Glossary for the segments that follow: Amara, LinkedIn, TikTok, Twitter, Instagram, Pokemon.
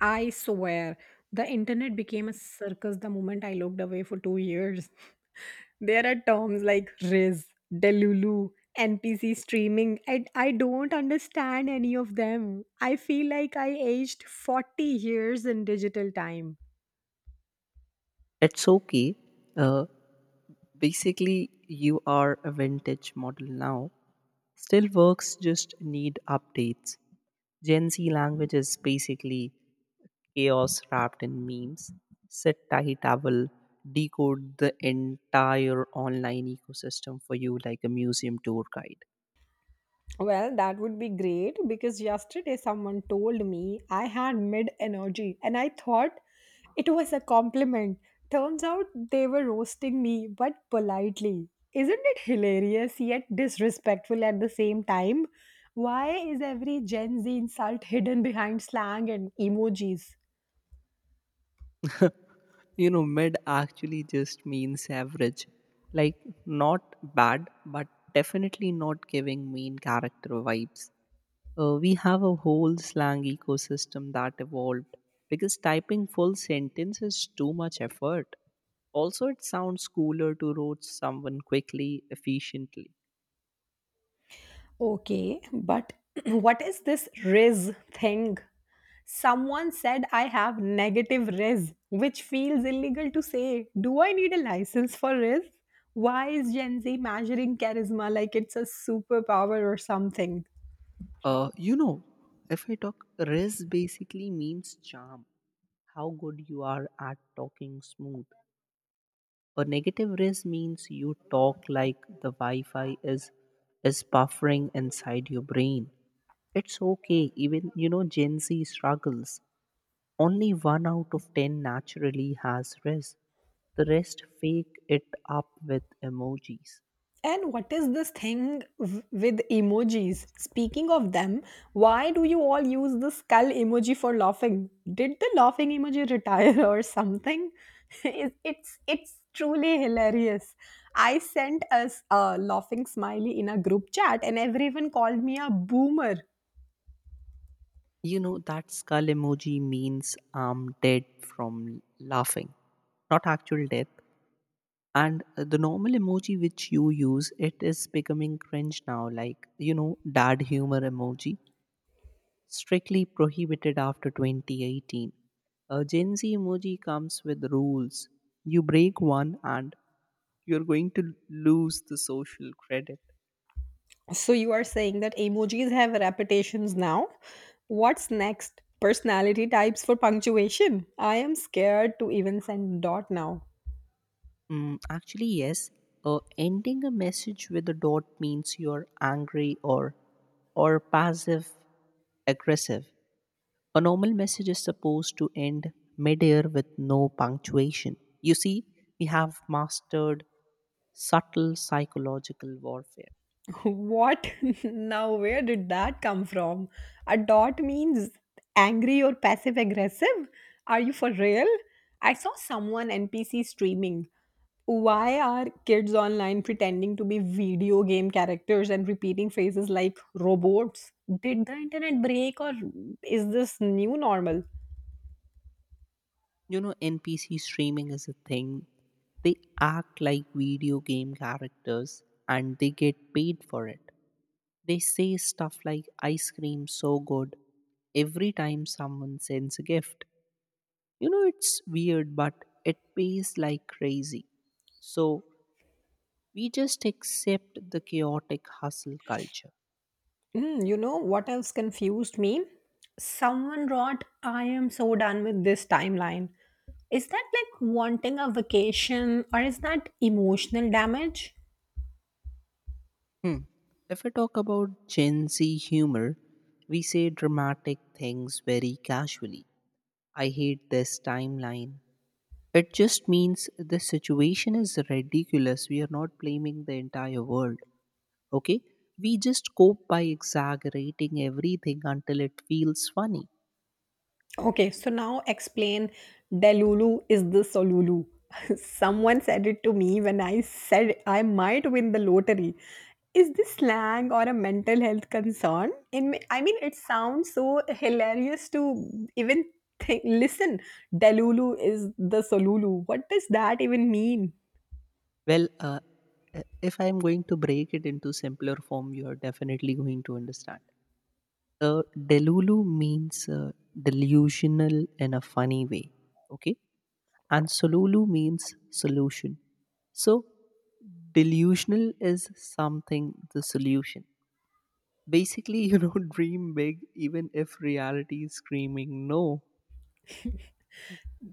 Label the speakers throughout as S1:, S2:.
S1: I swear, the internet became a circus the moment I looked away for 2 years. There are terms like Riz, Delulu, NPC streaming, and I don't understand any of them. I feel like I aged 40 years in digital time.
S2: It's okay. Uh, basically, you are a vintage model now. Still works, just need updates. Gen Z language is basically chaos wrapped in memes. Sit tight, I will decode the entire online ecosystem for you like a museum tour guide.
S1: Well, that would be great because yesterday someone told me I had mid energy and I thought it was a compliment. Turns out they were roasting me, but politely. Isn't it hilarious yet disrespectful at the same time? Why is every Gen Z insult hidden behind slang and emojis?
S2: Mid actually just means average. Like, not bad, but definitely not giving main character vibes. We have a whole slang ecosystem that evolved because typing full sentence is too much effort. Also, it sounds cooler to roast someone quickly, efficiently.
S1: Okay, but what is this Riz thing? Someone said I have negative res, which feels illegal to say. Do I need a license for res? Why is Gen Z measuring charisma like it's a superpower or something?
S2: Uh, you know, if I talk, Riz basically means charm, how good you are at talking smooth. A negative Riz means you talk like the Wi Fi is buffering inside your brain. It's okay, even, Gen Z struggles. Only one out of 10 naturally has rest. The rest fake it up with emojis.
S1: And what is this thing with emojis? Speaking of them, why do you all use the skull emoji for laughing? Did the laughing emoji retire or something? It's truly hilarious. I sent us a laughing smiley in a group chat, and everyone called me a boomer.
S2: That skull emoji means I'm dead from laughing, not actual death. And the normal emoji which you use, it is becoming cringe now, like, dad humor emoji, strictly prohibited after 2018. A Gen Z emoji comes with rules. You break one and you're going to lose the social credit.
S1: So you are saying that emojis have reputations now? What's next? Personality types for punctuation. I am scared to even send dot now.
S2: Actually, yes. Ending a message with a dot means you're angry or passive aggressive. A normal message is supposed to end mid-air with no punctuation. You see, we have mastered subtle psychological warfare.
S1: What? Now, where did that come from? A dot means angry or passive aggressive? Are you for real? I saw someone NPC streaming. Why are kids online pretending to be video game characters and repeating phrases like robots? Did the internet break or is this new normal?
S2: NPC streaming is a thing. They act like video game characters and they get paid for it. They say stuff like ice cream so good every time someone sends a gift. It's weird, but it pays like crazy. So we just accept the chaotic hustle culture.
S1: Mm, you know what else confused me? Someone wrote, I am so done with this timeline. Is that like wanting a vacation or is that emotional damage?
S2: Hmm. If I talk about Gen Z humor, we say dramatic things very casually. I hate this timeline. It just means the situation is ridiculous. We are not blaming the entire world. Okay? We just cope by exaggerating everything until it feels funny.
S1: Okay, so now explain Delulu is the Solulu. Someone said it to me when I said I might win the lottery. Is this slang or a mental health concern? In me, I mean, it sounds so hilarious to even think. Listen, Delulu is the Solulu. What does that even mean?
S2: Well, if I'm going to break it into simpler form, you are definitely going to understand. The Delulu means delusional in a funny way. Okay? And Solulu means solution. So, delusional is something, the solution. Basically, dream big even if reality is screaming no.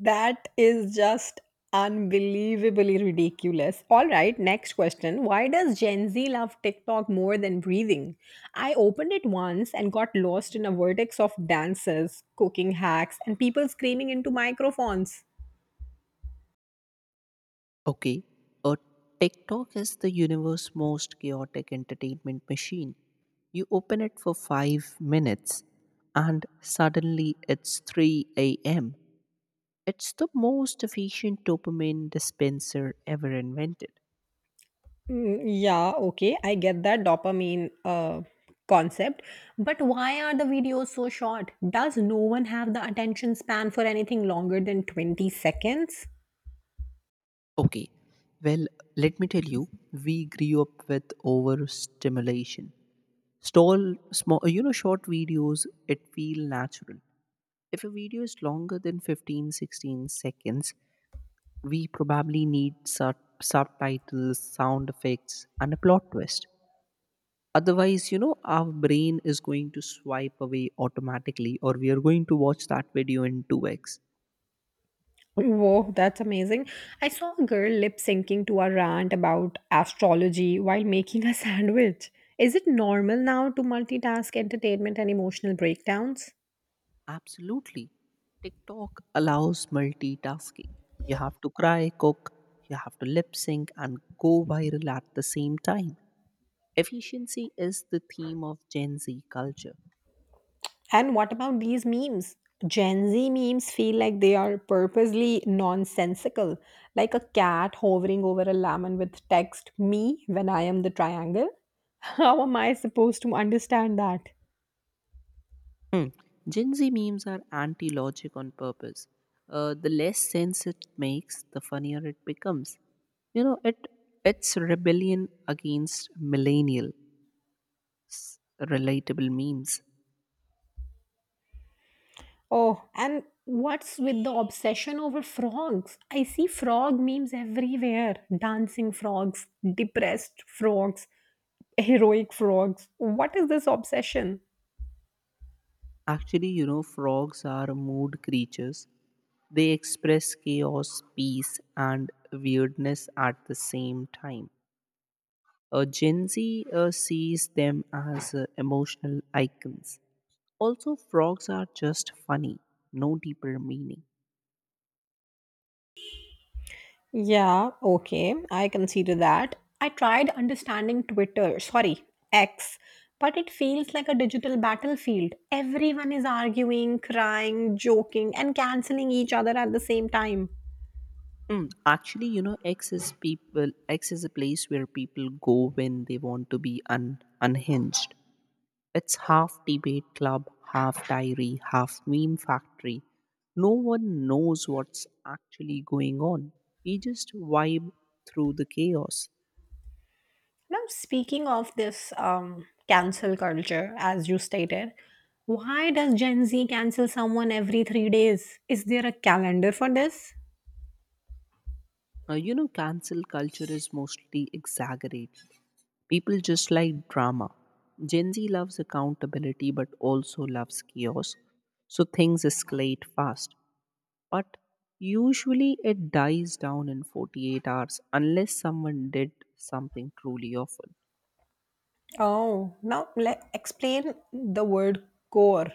S1: That is just unbelievably ridiculous. All right, next question. Why does Gen Z love TikTok more than breathing? I opened it once and got lost in a vertex of dances, cooking hacks, and people screaming into microphones.
S2: Okay, a TikTok is the universe's most chaotic entertainment machine. You open it for 5 minutes and suddenly it's 3 a.m. It's the most efficient dopamine dispenser ever invented.
S1: Mm, yeah, okay, I get that dopamine concept. But why are the videos so short? Does no one have the attention span for anything longer than 20 seconds?
S2: Okay, well, let me tell you, we grew up with overstimulation. Stall small, short videos, it feel natural. If a video is longer than 15, 16 seconds, we probably need subtitles, sound effects, and a plot twist. Otherwise, our brain is going to swipe away automatically, or we are going to watch that video in 2x.
S1: Whoa, that's amazing. I saw a girl lip syncing to a rant about astrology while making a sandwich. Is it normal now to multitask entertainment and emotional breakdowns?
S2: Absolutely. TikTok allows multitasking. You have to cry, cook, you have to lip sync, and go viral at the same time. Efficiency is the theme of Gen Z culture.
S1: And what about these memes? Gen Z memes feel like they are purposely nonsensical, like a cat hovering over a lemon with text, me when I am the triangle. How am I supposed to understand that?
S2: Hmm. Gen Z memes are anti logic on purpose. The less sense it makes, the funnier it becomes. You know, it it's rebellion against millennial s- relatable memes.
S1: Oh, and what's with the obsession over frogs? I see frog memes everywhere dancing frogs, depressed frogs, heroic frogs. What is this obsession?
S2: Actually, frogs are mood creatures. They express chaos, peace, and weirdness at the same time. Gen Z sees them as emotional icons. Also, frogs are just funny, no deeper meaning.
S1: Yeah, okay, I consider that. I tried understanding Twitter, sorry, X, but it feels like a digital battlefield. Everyone is arguing, crying, joking, and canceling each other at the same time.
S2: Actually, X is people. X is a place where people go when they want to be unhinged. It's half debate club, half diary, half meme factory. No one knows what's actually going on. We just vibe through the chaos.
S1: Now, speaking of this cancel culture, as you stated, why does Gen Z cancel someone every 3 days? Is there a calendar for this?
S2: Cancel culture is mostly exaggerated. People just like drama. Gen Z loves accountability but also loves chaos, so things escalate fast. But usually it dies down in 48 hours unless someone did something truly awful.
S1: Oh, now let explain the word core.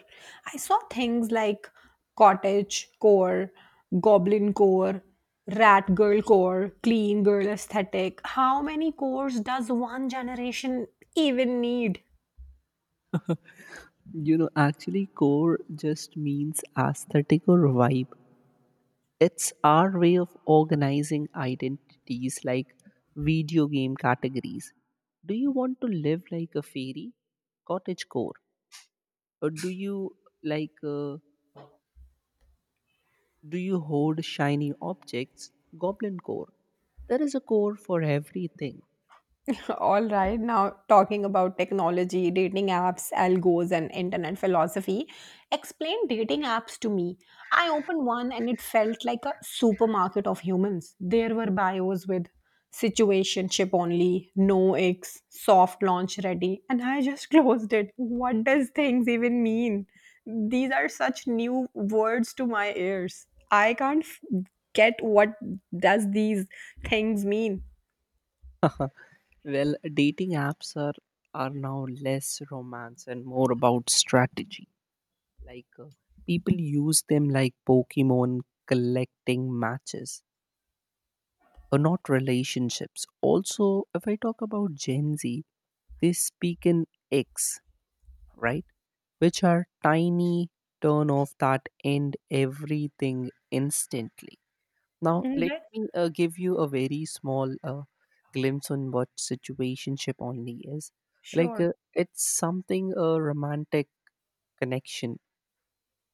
S1: I saw things like cottage core, goblin core, rat girl core, clean girl aesthetic. How many cores does one generation even need?
S2: Actually, core just means aesthetic or vibe. It's our way of organizing identities like video game categories. Do you want to live like a fairy? Cottage core. Or do you like do you hoard shiny objects? Goblin core. There is a core for everything.
S1: All right, now talking about technology, dating apps, algos, and internet philosophy. Explain dating apps to me. I opened one and it felt like a supermarket of humans. There were bios with situationship only, no X, soft launch ready, and I just closed it. What does things even mean? These are such new words to my ears. I can't f- Get what does these things mean.
S2: Well, dating apps are now less romance and more about strategy. Like people use them like Pokemon collecting matches or not relationships. Also, if I talk about Gen Z, they speak in X, right? Which are tiny turn off that end everything instantly. Now, let
S1: Mhm.
S2: me give you a very small glimpse on what situationship only is. Like,
S1: Sure.
S2: it's something a romantic connection,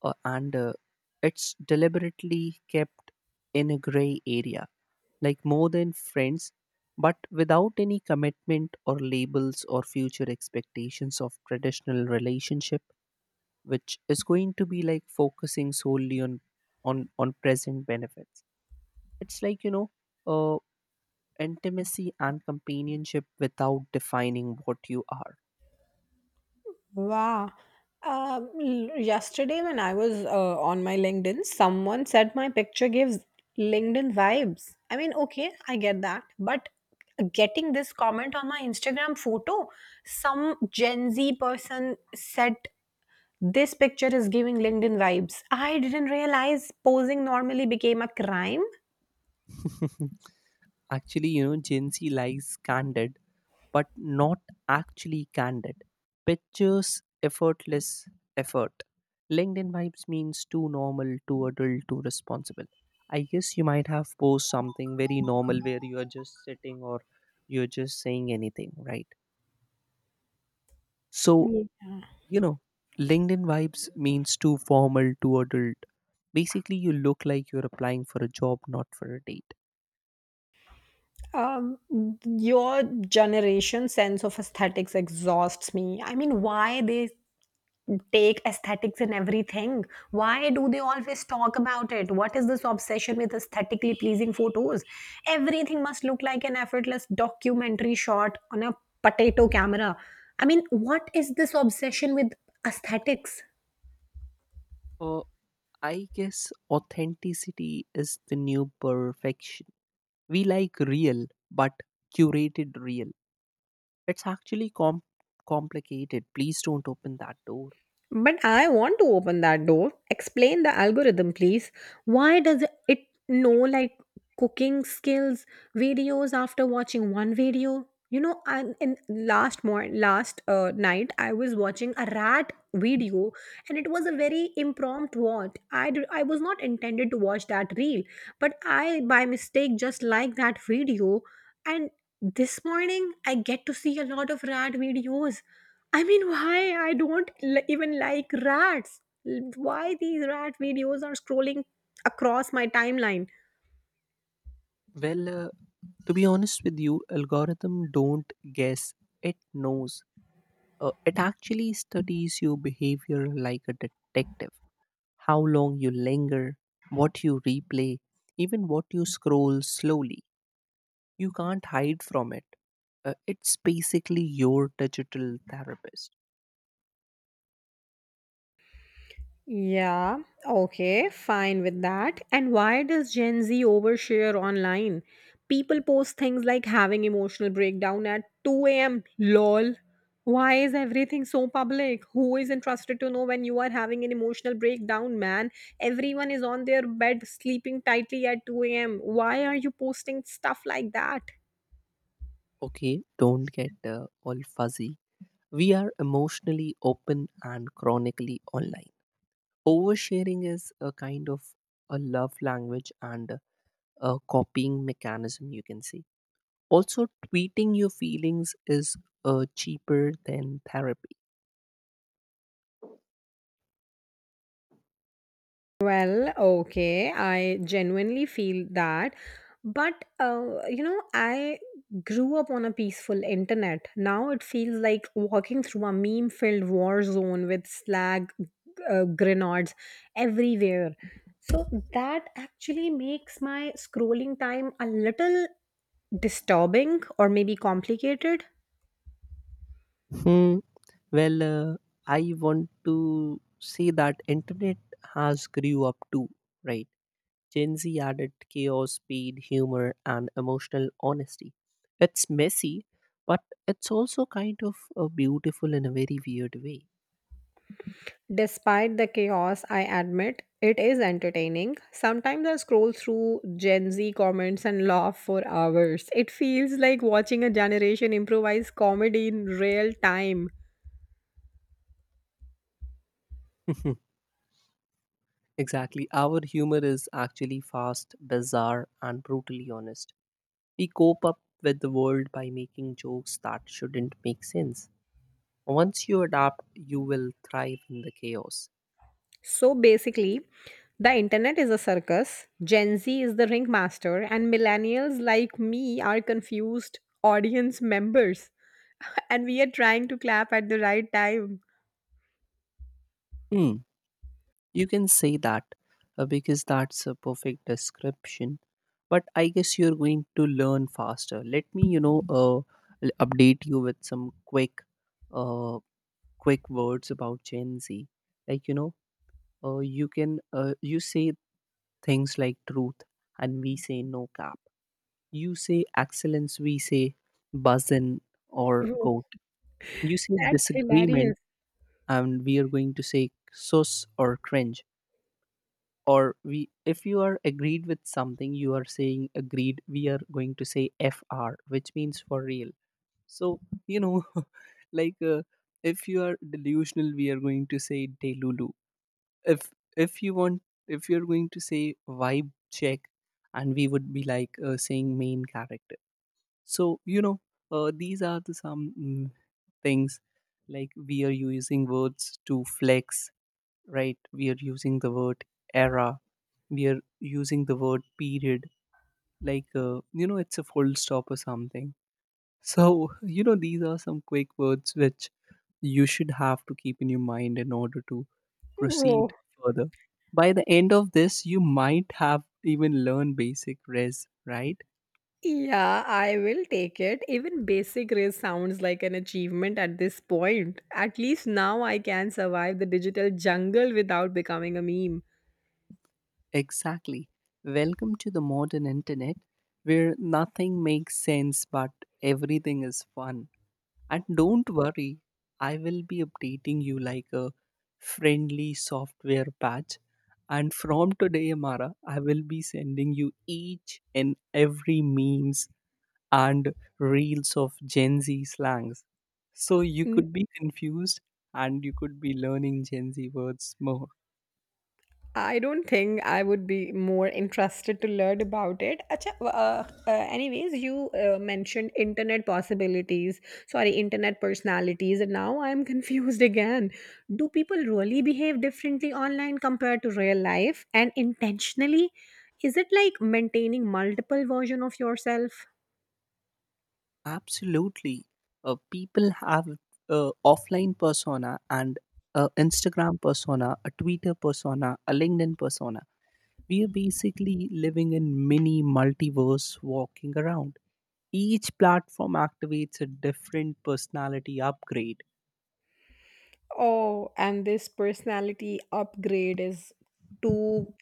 S2: and it's deliberately kept in a gray area, like more than friends, but without any commitment or labels or future expectations of traditional relationship, which is going to be like focusing solely on on present benefits. It's like uh, intimacy and companionship without defining what you are.
S1: Wow. Yesterday, when I was on my LinkedIn, someone said my picture gives LinkedIn vibes. I mean, okay, I get that. But getting this comment on my Instagram photo, some Gen Z person said this picture is giving LinkedIn vibes. I didn't realize posing normally became a crime.
S2: actually, Gen Z likes candid, but not actually candid pictures, effortless effort. LinkedIn vibes means too normal, too adult, too responsible. I guess you might have posed something very normal where you are just sitting or you're just saying anything, right? So,
S1: Yes.
S2: you know, LinkedIn vibes means too formal, too adult. Basically, you look like you're applying for a job, not for a date.
S1: Um, your generation sense of aesthetics exhausts me. I mean, why they take aesthetics in everything? Why do they always talk about it? What is this obsession with aesthetically pleasing photos? Everything must look like an effortless documentary shot on a potato camera. I mean, what is this obsession with aesthetics?
S2: Uh, I guess authenticity is the new perfection. We like real, but curated real. It's actually complicated. Please don't open that door.
S1: But I want to open that door. Explain the algorithm, please. Why does it know like cooking skills videos after watching one video? You know, I in last more last night I was watching a rat video, and it was a very impromptu watch. I was not intended to watch that reel, but I by mistake just liked that video, and this morning I get to see a lot of rat videos. I mean, why I don't even like rats? Why these rat videos are scrolling across my timeline?
S2: Well, to be honest with you, algorithm don't guess. It knows. It actually studies your behavior like a detective. How long you linger, what you replay, even what you scroll slowly. You can't hide from it. It's basically your digital therapist.
S1: Yeah, okay, fine with that. And why does Gen Z overshare online? People post things like having emotional breakdown at 2 a.m. lol. Why is everything so public? Who is interested to know when you are having an emotional breakdown, man? Everyone is on their bed sleeping tightly at 2 a.m. Why are you posting stuff like that?
S2: Okay, don't get all fuzzy. We are emotionally open and chronically online. Oversharing is a kind of a love language and a copying mechanism, you can say. Also, tweeting your feelings is cheaper than therapy.
S1: Well, okay, I genuinely feel that. But, you know, I grew up on a peaceful internet. Now it feels like walking through a meme filled war zone with slag grenades everywhere. So that actually makes my scrolling time a little disturbing or maybe complicated.
S2: Hmm, Well, I want to say that internet has grew up too, right? Gen Z added chaos, speed, humor, and emotional honesty. It's messy, but it's also kind of beautiful in a very weird way.
S1: Despite the chaos, I admit it is entertaining. Sometimes I scroll through Gen Z comments and laugh for hours. It feels like watching a generation improvise comedy in real time.
S2: exactly. Our humor is actually fast, bizarre, and brutally honest. We cope up with the world by making jokes that shouldn't make sense. Once you adapt, you will thrive in the chaos.
S1: So basically, the internet is a circus, Gen Z is the ringmaster, and millennials like me are confused audience members. And we are trying to clap at the right time.
S2: Hmm, you can say that because that's a perfect description. But I guess you're going to learn faster. Let me, update you with some uh, quick words about Gen Z. Like you can, you say things like truth, and we say no cap. You say excellence, we say buzzin or
S1: Whoa,
S2: goat. You say
S1: that's
S2: disagreement,
S1: hilarious.
S2: and we are going to say sus or cringe. Or we, if you are agreed with something, you are saying agreed. We are going to say fr, which means for real. So you know, like if you are delusional, we are going to say delulu. If if you want, if you are going to say vibe check, and we would be like saying main character. So, these are the some things like we are using words to flex, right? We are using the word era, we are using the word period, like, it's a full stop or something. So, these are some quick words which you should have to keep in your mind in order to proceed
S1: Whoa.
S2: further. By the end of this, you might have even learned basic res, right?
S1: Yeah, I will take it. Even basic race sounds like an achievement at this point. At least now I can survive the digital jungle without becoming a meme.
S2: Exactly. Welcome to the modern internet where nothing makes sense but everything is fun. And don't worry, I will be updating you like a friendly software patch. And from today, Amara, I will be sending you each and every memes and reels of Gen Z slangs. So you could be confused and you could be learning Gen Z words more.
S1: I don't think I would be more interested to learn about it. Acha, anyways, you mentioned internet possibilities, sorry, internet personalities, and now I'm confused again. Do people really behave differently online compared to real life and intentionally? Is it like maintaining multiple version of yourself?
S2: Absolutely. People have a offline persona and a Instagram persona, a Twitter persona, a LinkedIn persona. We are basically living in mini multiverse walking around. Each platform activates a different personality upgrade.
S1: Oh, and this personality upgrade is too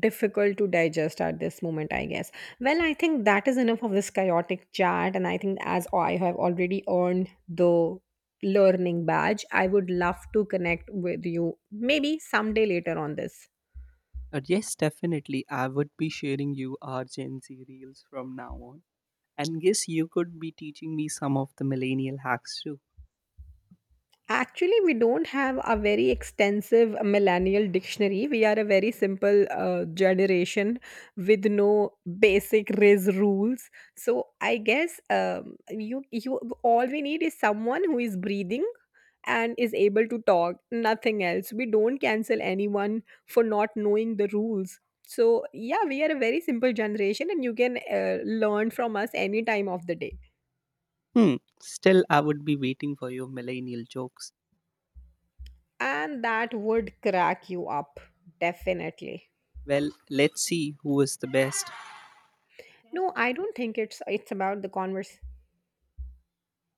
S1: difficult to digest at this moment, I guess. Well, I think that is enough of this chaotic chat. And I think as I have already earned the learning badge, I would love to connect with you maybe someday later on this.
S2: Yes, definitely. I would be sharing you our Gen Z reels from now on. And yes, you could be teaching me some of the millennial hacks too.
S1: Actually, we don't have a very extensive millennial dictionary. We are a very simple generation with no basic RIS rules. So I guess you all we need is someone who is breathing and is able to talk. Nothing else. We don't cancel anyone for not knowing the rules. So yeah, we are a very simple generation, and you can learn from us any time of the day,
S2: Hmm, still, I would be waiting for your millennial jokes.
S1: and that would crack you up definitely.
S2: Well, let's see who is the best.
S1: No, I don't think it's about the converse